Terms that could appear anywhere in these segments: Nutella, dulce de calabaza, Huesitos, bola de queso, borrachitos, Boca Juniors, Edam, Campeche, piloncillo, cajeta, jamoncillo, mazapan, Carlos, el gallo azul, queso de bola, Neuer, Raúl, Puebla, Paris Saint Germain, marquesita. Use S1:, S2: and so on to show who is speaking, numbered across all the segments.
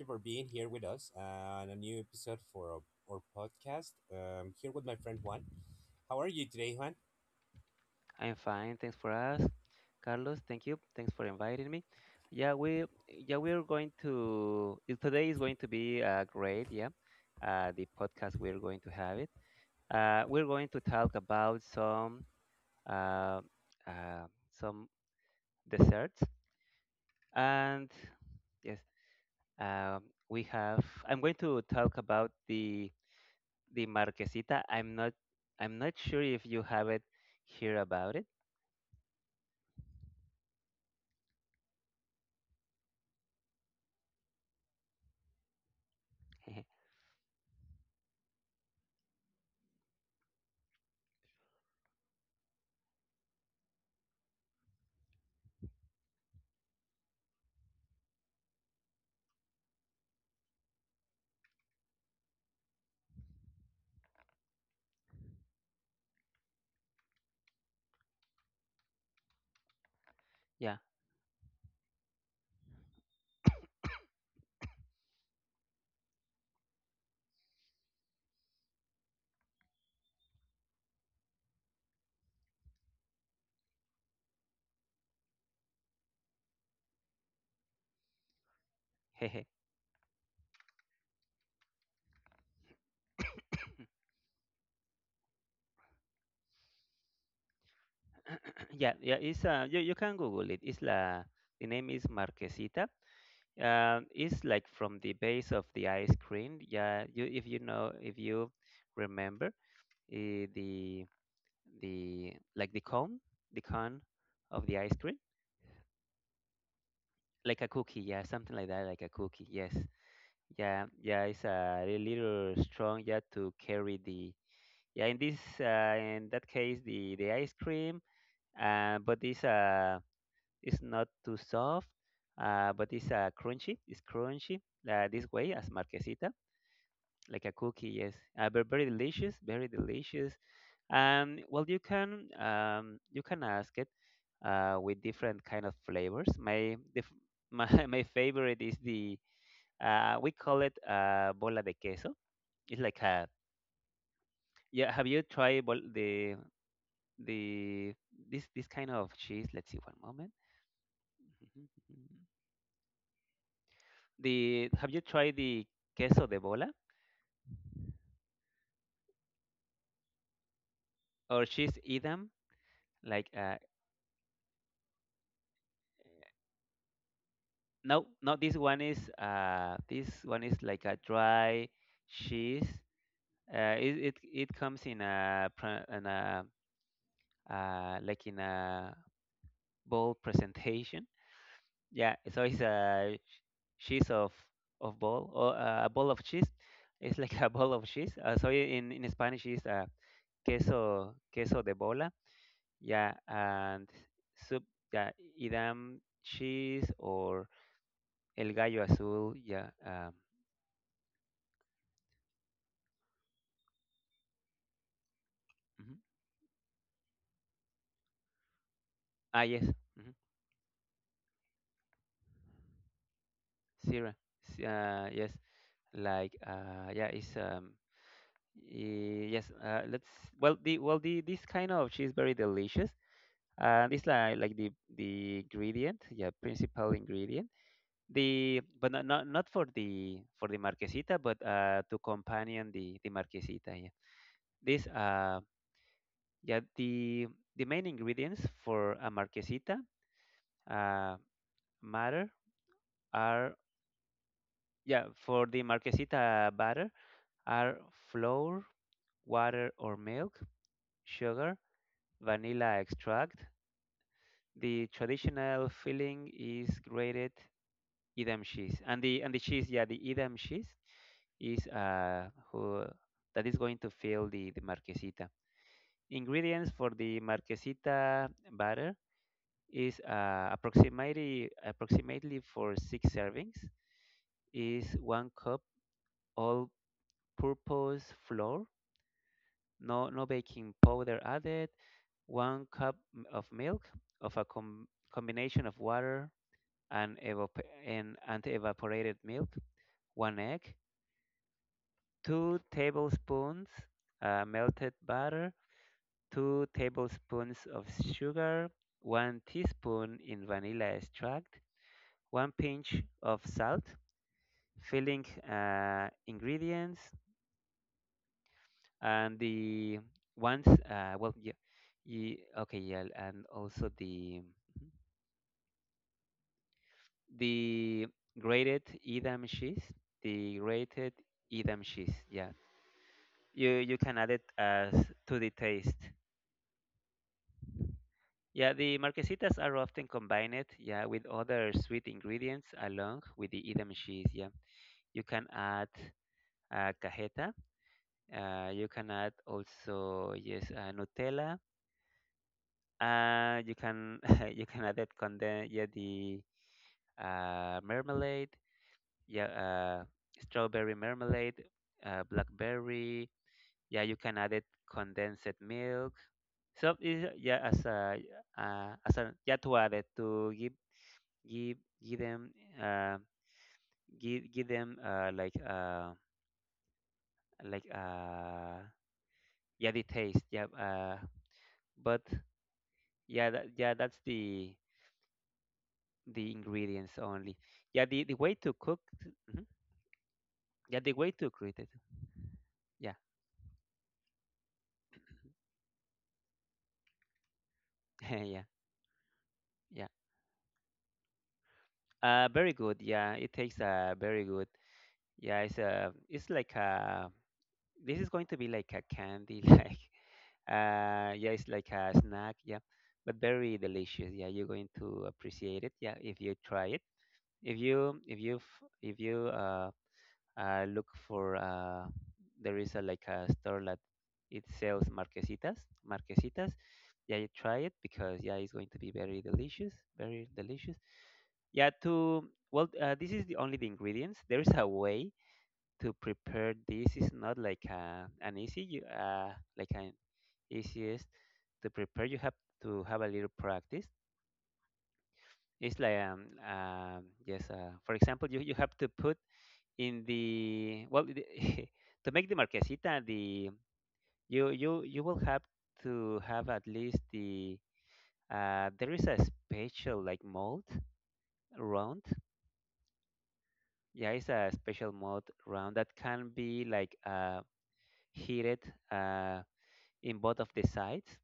S1: you for being here with us on a new episode for our podcast. Here with my friend Juan. How are you today, Juan?
S2: I'm fine. Thanks for us, Carlos. Thank you. Thanks for inviting me. Yeah, we're going to today is going to be great. Yeah, the podcast we're going to have it. We're going to talk about uh, uh, some desserts. And yes, um, we have. I'm going to talk about the marquesita. I'm not sure if you have it here about it. Yeah. Yeah, yeah, it's you, you can Google it. It's la the name is Marquesita. It's like from the base of the ice cream. Yeah, you if you know if you remember eh, the the like the cone of the ice cream, like a cookie. Yeah, something like that, like a cookie. Yes. Yeah, yeah, it's a little strong. Yeah, to carry the yeah in this in that case the ice cream. But this it's not too soft, but it's crunchy. It's crunchy, this way as marquesita, like a cookie. Yes, but very delicious, very delicious. And well, you can ask it with different kind of flavors. My favorite is the we call it bola de queso. It's like a yeah. Have you tried the this kind of cheese? Let's see, one moment. The Have you tried the queso de bola or cheese edam? Like no, no. This one is like a dry cheese. It comes in a in a like in a bowl presentation. Yeah, so it's a cheese of ball or a ball of cheese. It's like a ball of cheese. So in Spanish it's queso de bola. Yeah, and soup, yeah, idam cheese or el gallo azul, yeah. Mhm. Ah, yes, mm. Sierra, yes, like yeah, it's yes. Let's well the this kind of cheese very delicious. And it's like the ingredient, yeah, principal ingredient. The But not for the marquesita, but to companion the marquesita, yeah. This Yeah, the main ingredients for a marquesita uh, batter are yeah for the marquesita batter are flour, water or milk, sugar, vanilla extract. The traditional filling is grated Edam cheese, and the cheese yeah the Edam cheese is who that is going to fill the marquesita. Ingredients for the marquesita batter is approximately for six servings is one cup all-purpose flour, no, no baking powder added, one cup m- of milk of a combination of water and and evaporated milk, one egg, two tablespoons melted butter, two tablespoons of sugar, one teaspoon in vanilla extract, one pinch of salt, filling ingredients and the ones well yeah, ye okay, yeah, and also the grated edam cheese. The grated edam cheese yeah, you can add it as to the taste. Yeah, the marquesitas are often combined, yeah, with other sweet ingredients along with the edam cheese. Yeah, you can add cajeta, you can add also yes nutella. You can you can add it contain yeah the marmalade, yeah, strawberry marmalade, blackberry. Yeah, you can add it condensed milk. Yeah, as a yeah to add it to give give them uh, give give them like yeah the taste, yeah, but yeah yeah that's the ingredients only. Yeah, the way to cook. Mhm. Yeah, the way to create it. Yeah, yeah, yeah. Very good. Yeah, it takes very good. Yeah, it's like a, this is going to be like a candy. Like yeah, it's like a snack. Yeah, but very delicious. Yeah, you're going to appreciate it. Yeah, if you try it. If you if you look for there is a like a store that it sells marquesitas, yeah, you try it, because yeah it's going to be very delicious, very delicious. Yeah, to well this is the only the ingredients. There is a way to prepare this. It's not like an easy like an easiest to prepare. You have to have a little practice. It's like yes for example, you have to put in to make the marquesita, the you you will have to have at least the there is a special like mold round, yeah, it's a special mold round that can be like heated uh, in both of the sides,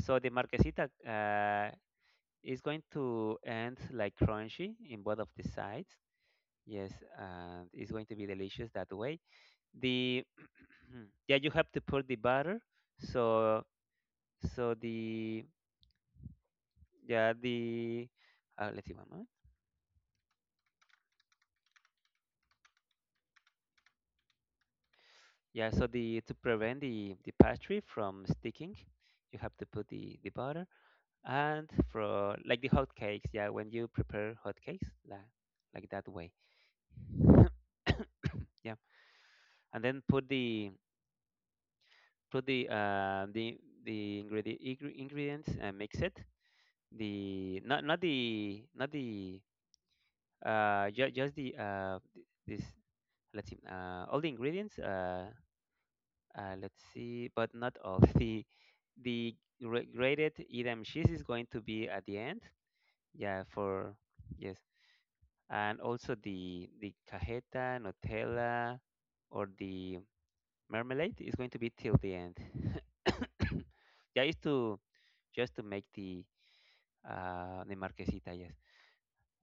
S2: so the marquesita is going to end like crunchy in both of the sides. Yes, and it's going to be delicious that way. The Yeah, you have to put the butter, so so the yeah the let's see one moment. Yeah, so the to prevent the pastry from sticking, you have to put the butter and for like the hot cakes, yeah, when you prepare hot cakes, like that way. Yeah, and then put the ingredient ingredients and mix it. The not not the not the ju- just the th- This, let's see, all the ingredients let's see, but not all. The grated edam cheese is going to be at the end. Yeah, for yes. And also the cajeta nutella or the marmalade is going to be till the end. Yeah, is to just to make the marquesita. Yes,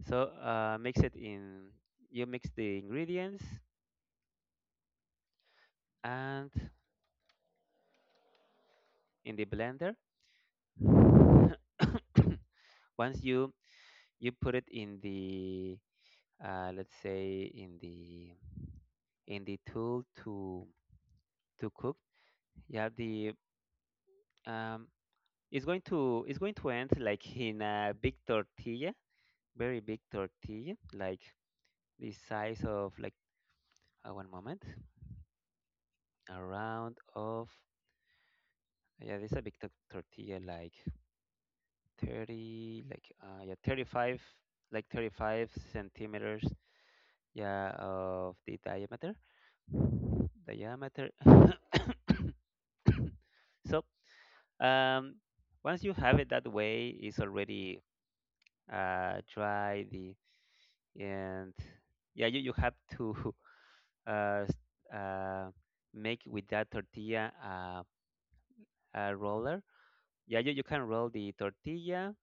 S2: so mix it in, you mix the ingredients and in the blender. Once you you put it in the let's say in the tool to cook, you have the um, it's going to end like in a big tortilla, very big tortilla, like the size of like one moment around of yeah this is a big tortilla like 30, like yeah 35, like 35 centimeters. Yeah, of the diameter. Diameter. So, um, once you have it that way, it's already dry. The And yeah, you have to uh, s- uh, make with that tortilla a roller. Yeah, you can roll the tortilla,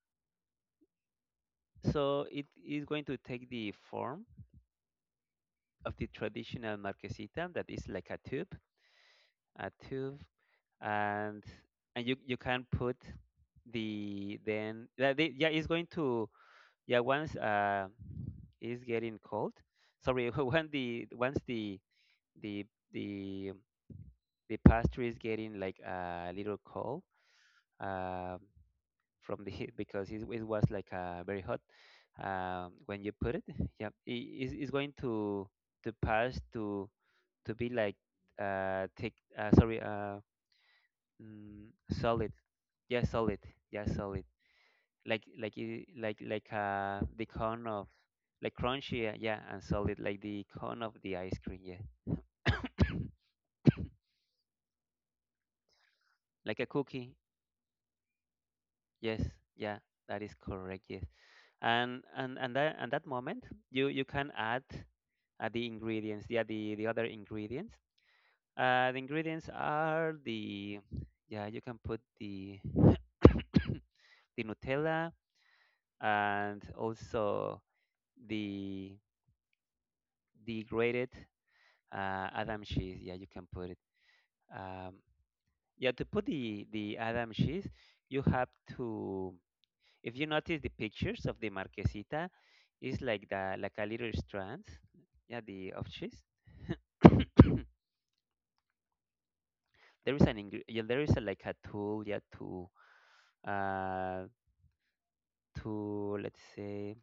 S2: so it is going to take the form of the traditional marquesita that is like a tube, a tube, and and you can put the then yeah, yeah it's going to yeah once it's getting cold. Sorry, when the once the the the pastry is getting like a little cold, um, from the heat, because it was like very hot when you put it. Yeah, it's going to pass to be like thick. Sorry, mm, solid. Yeah, solid. Yeah, solid. Like it, like the cone of like crunchy, yeah, and solid like the cone of the ice cream, yeah. Like a cookie. Yes, yeah, that is correct, yes. And that moment you you can add the ingredients, yeah, the other ingredients. The ingredients are the Yeah, you can put the the Nutella and also the degraded Adam cheese. Yeah, you can put it. Um, yeah, to put the Adam cheese, you have to, if you notice the pictures of the marquesita, it's like the like a little strands. Yeah, the of cheese. there is an ingre- Yeah, there is a, like a tool. Yeah, uh to let's say,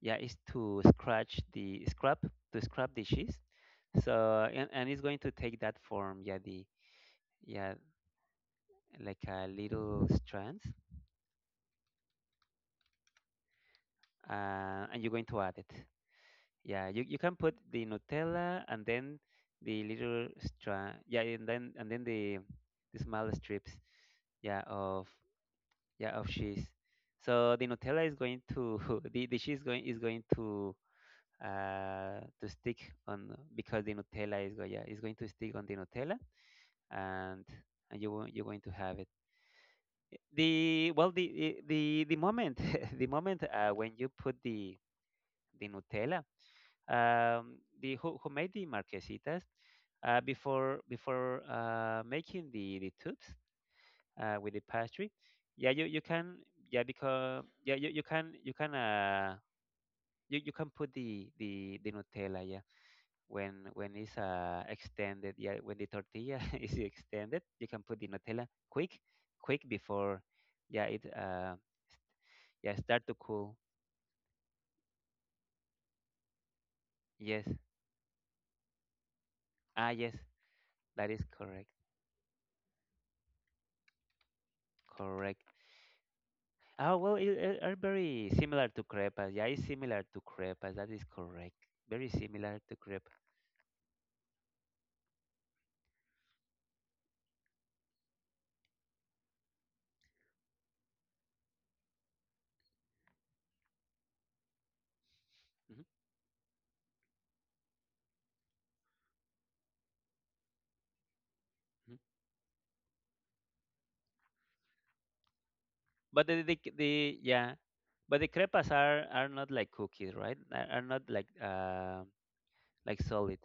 S2: yeah, it's to scratch the scrap to scrap the cheese. So, and it's going to take that form. Yeah, the yeah, like a little strands, and you're going to add it. Yeah, you can put the Nutella and then the little strand. Yeah, and then the small strips. Yeah, of yeah of cheese. So the Nutella is going to the cheese going is going to stick on, because the Nutella is going yeah is going to stick on. The Nutella and you won't- you're going to have it the well the moment the moment when you put the Nutella, the who made the marquesitas before making the tubes with the pastry. Yeah, you can, yeah, because you can you can you can put the Nutella, yeah, when it's extended, yeah, when the tortilla is extended, you can put the Nutella quick before, yeah, it yeah start to cool. Yes. Ah, yes, that is correct. Correct. Oh, well, it are very similar to crepas. Yeah, it's similar to crepas. That is correct. Very similar to crepa. Hmm. Hmm. But the yeah, but the crepas are not like cookies, right? Are not like like solid,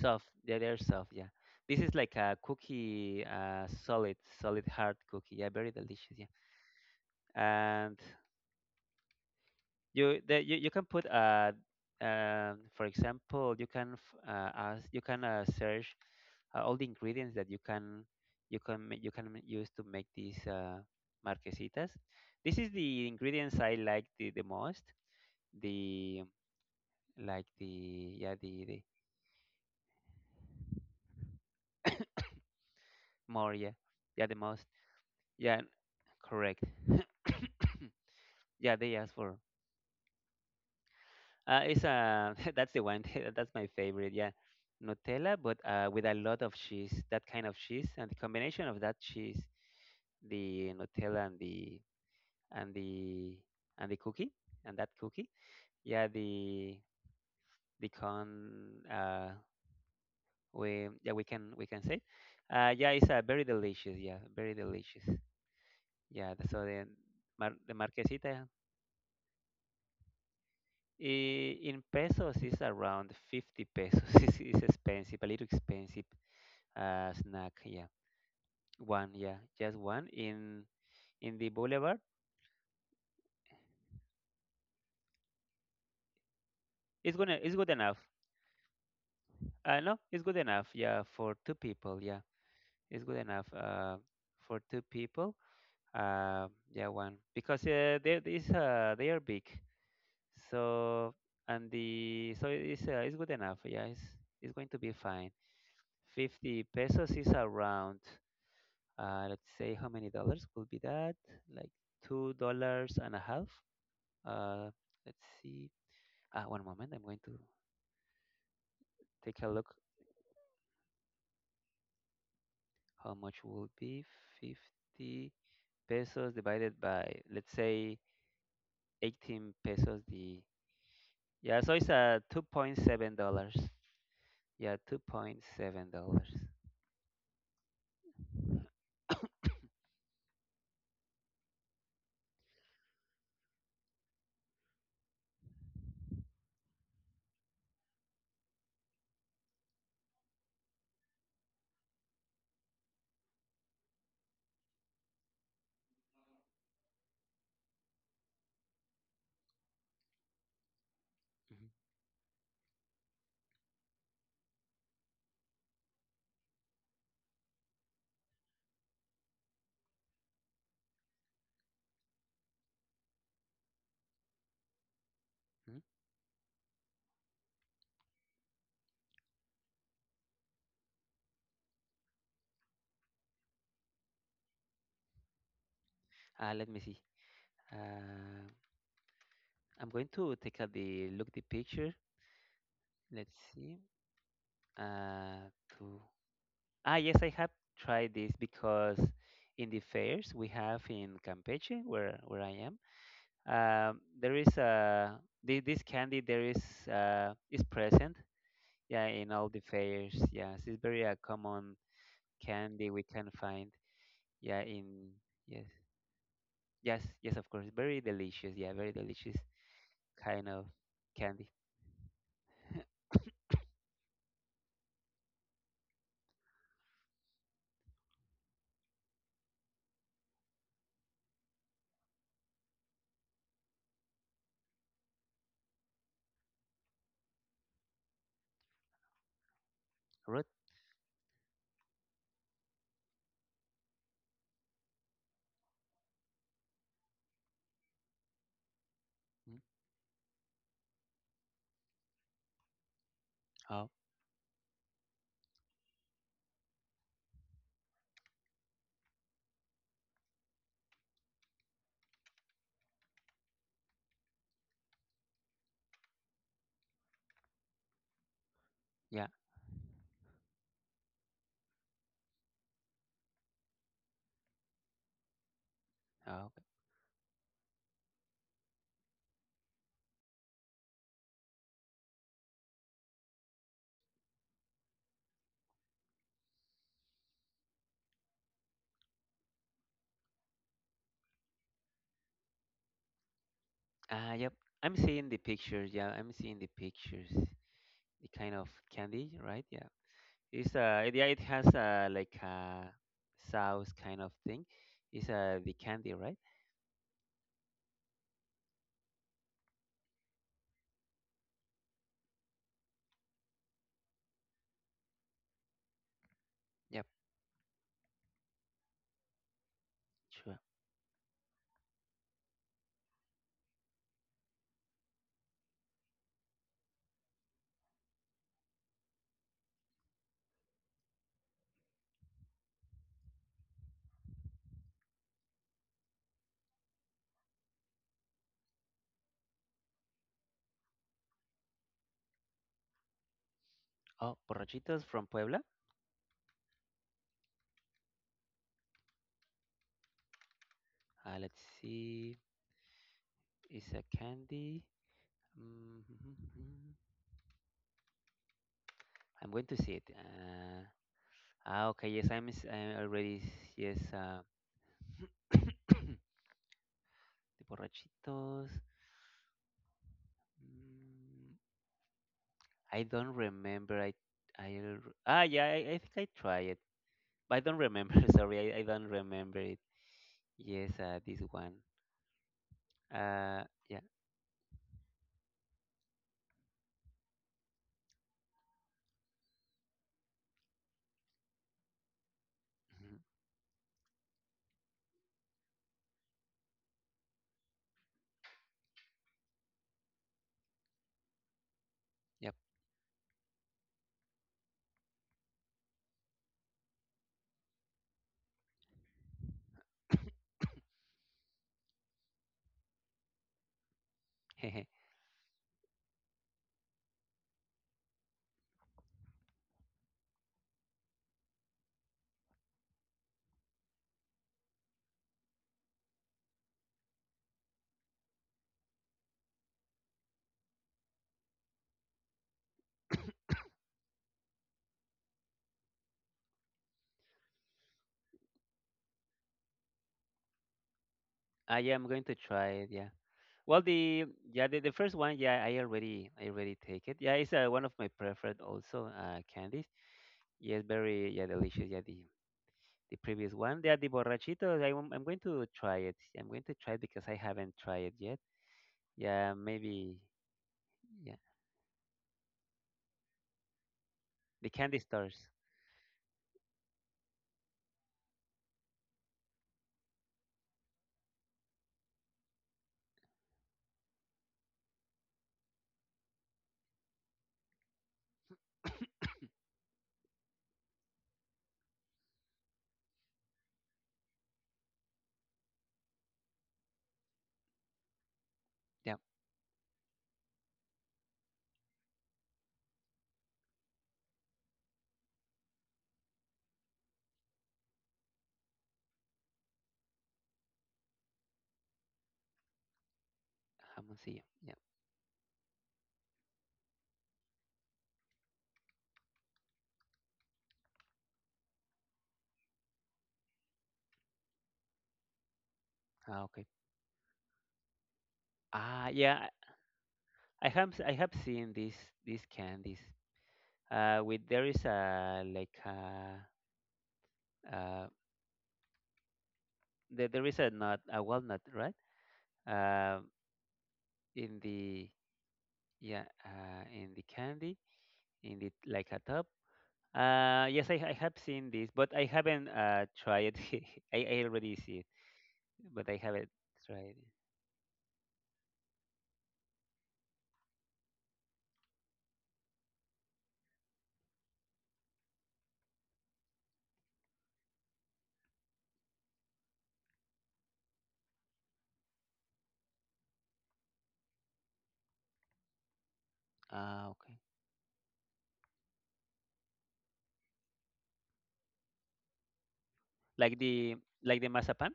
S2: soft. Yeah, they're soft. Yeah, this is like a cookie, solid, hard cookie. Yeah, very delicious. Yeah, and you the, you can put for example, ask, you can search all the ingredients that you can use to make these marquesitas. This is the ingredients I like the most. The like the yeah the more yeah, yeah, the most, yeah, correct. Yeah, they ask for, it's that's the one. That's my favorite, yeah, Nutella, but, with a lot of cheese, that kind of cheese, and the combination of that cheese, the Nutella, and and the the cookie, and that cookie, yeah, the con uh we can say, yeah, it's very delicious, yeah, very delicious. Yeah, so the marquesita, in pesos, is around 50 pesos. It's expensive, a little expensive, snack. Yeah, one, yeah, just one in the boulevard. It's good enough, no, it's good enough, yeah, for two people yeah it's good enough for two people. Uh, yeah, one, because they, these they are big. So, and the so it's good enough. Yeah, it's going to be fine. 50 pesos is around. Let's say, how many dollars could be that? Like two dollars and a half. Uh, let's see. Ah, one moment. I'm going to take a look. How much will be 50 pesos divided by, let's say, 18 pesos? The, yeah. So it's two point seven dollars. Yeah, two point seven dollars. Mm-hmm. Let me see. Uh, I'm going to take a the look, the picture. Let's see. Uh, to ah, yes, I have tried this because in the fairs we have in Campeche, where I am, there is this candy. There is, is present. Yeah, in all the fairs. Yes, it's very, a common candy we can find. Yeah, in, yes. Yes, yes, of course. Very delicious. Yeah, very delicious kind of candy. Root? Mm. Oh, yeah. Oh, okay. Ah, yep. I'm seeing the pictures. Yeah, I'm seeing the pictures. The kind of candy, right? Yeah. It's, yeah, it has, like a sauce kind of thing. It's, the candy, right? Yep. Sure. Oh, borrachitos from Puebla. Let's see. It's a candy. Mm. I'm going to see it. Ah, okay, yes, I'm already, yes, the borrachitos. Mm, I don't remember. Ah, yeah, I think I tried it, but I don't remember. Sorry, I don't remember it. Yes, this one. Uh, yeah, mhm, yep. Ah, yeah, I'm going to try it. Yeah. Well, the first one, yeah, I already take it. Yeah, it's, one of my preferred also, candies. Yes, very, yeah, delicious. Yeah, the previous one, yeah, the borrachitos. I am going to try it. I'm going to try it because I haven't tried it yet. Yeah, maybe. Yeah, the candy stores. Yeah, jamoncillo. Yeah. Ah, okay. Ah, yeah. I have seen these candies. With, there is a, like a, uh, there is a nut, a walnut, right? Um, in the, yeah, in the candy, in the like a top. Yes, I have seen this, but I haven't, tried it. I already see it, but I haven't tried it. Ah, okay. Like the mazapan?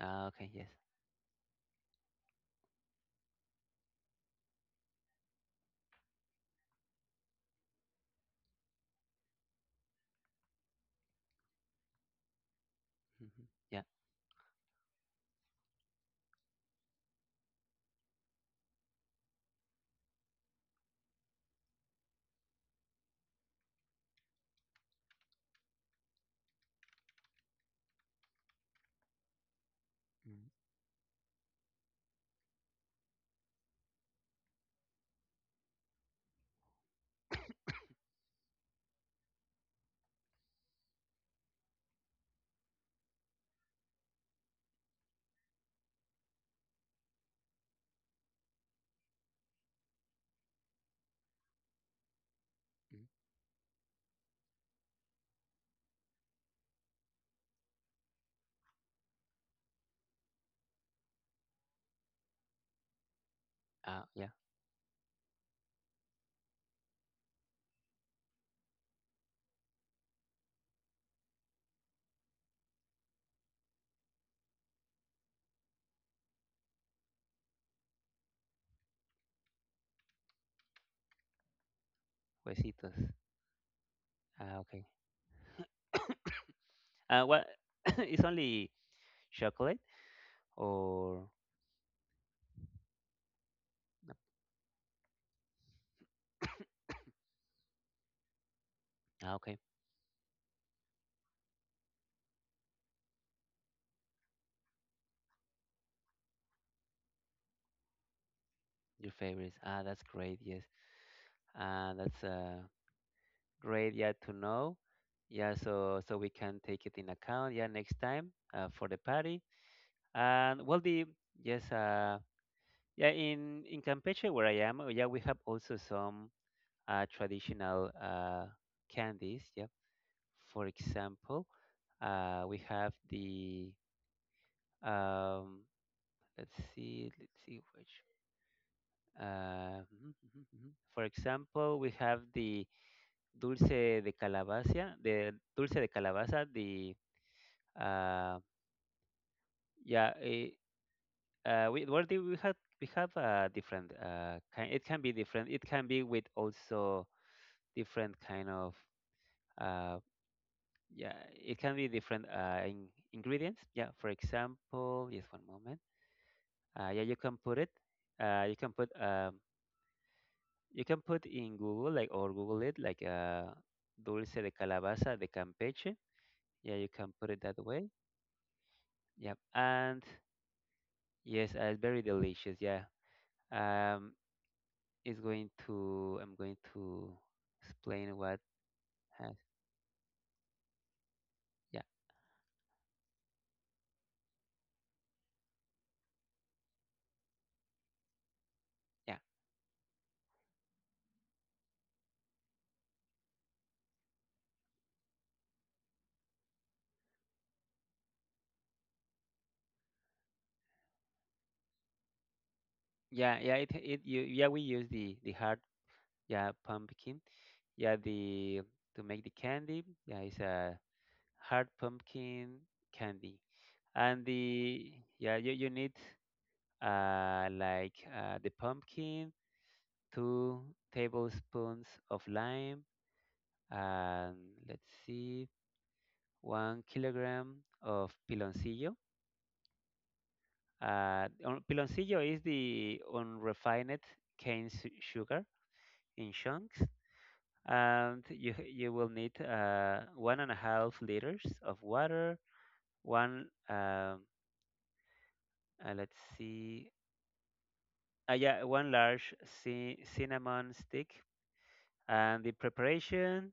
S2: Ah, okay, yes. Mhm. Yeah. Mm. Mm. Ah, yeah. Huesitos. Ah, okay. What? It's only chocolate or, ah, okay. Your favorites. Ah, that's great. Yes. Ah, that's, great. Yeah, to know. Yeah, so we can take it in account. Yeah, next time, for the party. And well, the yes, yeah, in Campeche where I am, yeah, we have also some, traditional, candies. Yeah, for example, we have the, um, let's see which. Mhm, mhm, mhm. For example, we have the dulce de calabaza, the, uh, yeah, eh. We, well, we have, different, kind. It can be different. It can be with also different kind of, uh, yeah. It can be different, in, ingredients. Yeah. For example, just one moment. Yeah, you can put it. You can put, you can put in Google, like, or Google it like, dulce de calabaza de Campeche. Yeah, you can put it that way. Yeah, and yes, it's very delicious. Yeah. Um, is going to I'm going to explain what has, yeah, yeah, yeah, yeah, it yeah, we use the hard, yeah, pumpkin, yeah, the to make the candy. Yeah, it's a hard pumpkin candy. And, the yeah, you need, like, the pumpkin, 2 tablespoons of lime, and, let's see, 1 kilogram of piloncillo. Piloncillo is the unrefined cane sugar in chunks, and you will need, 1.5 liters of water, one, let's see, yeah, one large cinnamon stick, and the preparation: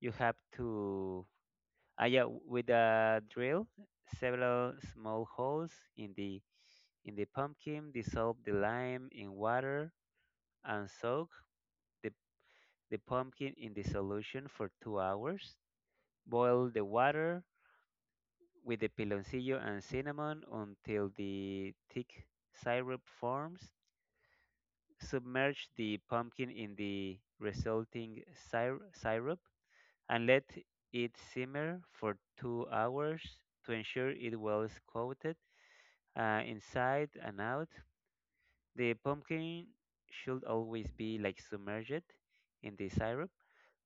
S2: you have to, yeah, with a drill several small holes in the pumpkin, dissolve the lime in water, and soak the the pumpkin in the solution for 2 hours. Boil the water with the piloncillo and cinnamon until the thick syrup forms. Submerge the pumpkin in the resulting syrup and let it simmer for 2 hours to ensure it was coated, inside and out. The pumpkin should always be like submerged in the syrup.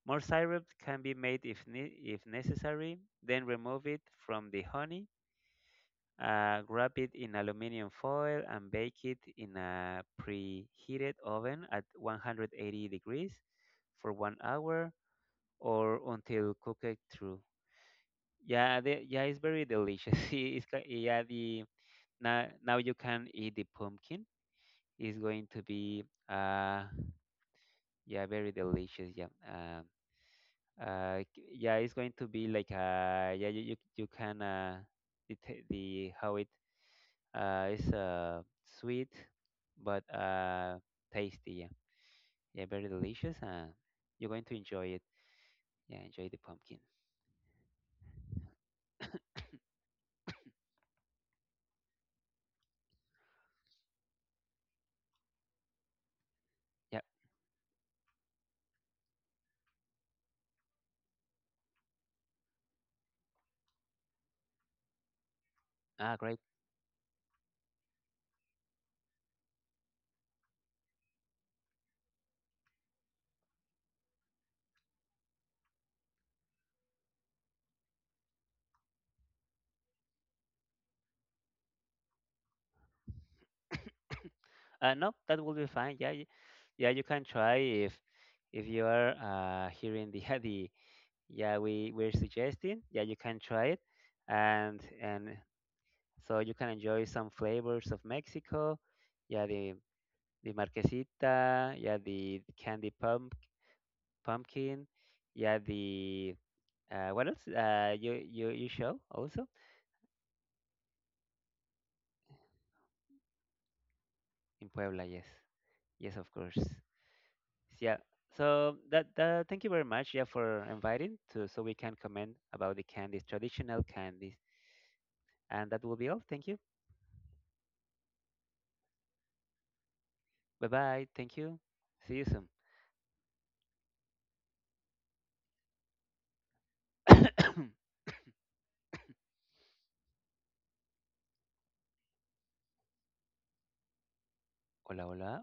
S2: More syrup can be made if necessary, then remove it from the honey, wrap it in aluminum foil, and bake it in a preheated oven at 180 degrees for 1 hour or until cooked through. Yeah, yeah, it's very delicious. Yeah, the now you can eat the pumpkin. It's going to be, uh yeah, very delicious. Yeah. Yeah, it's going to be like, yeah, you can, the t- the how it, is, sweet, but, tasty. Yeah, yeah, very delicious. You're going to enjoy it. Yeah, enjoy the pumpkin. Yeah. Ah, great. No, that will be fine. Yeah, yeah, you can try if you are, hearing the the yeah we're suggesting. Yeah, you can try it, and so you can enjoy some flavors of Mexico. Yeah, the marquesita. Yeah, the candy pumpkin. Yeah, the, what else? You show also in Puebla. Yes, yes, of course. Yeah. So that, that thank you very much. Yeah, for inviting to, so we can comment about the candies, traditional candies, and that will be all. Thank you. Bye bye. Thank you. See you soon. Hola, hola.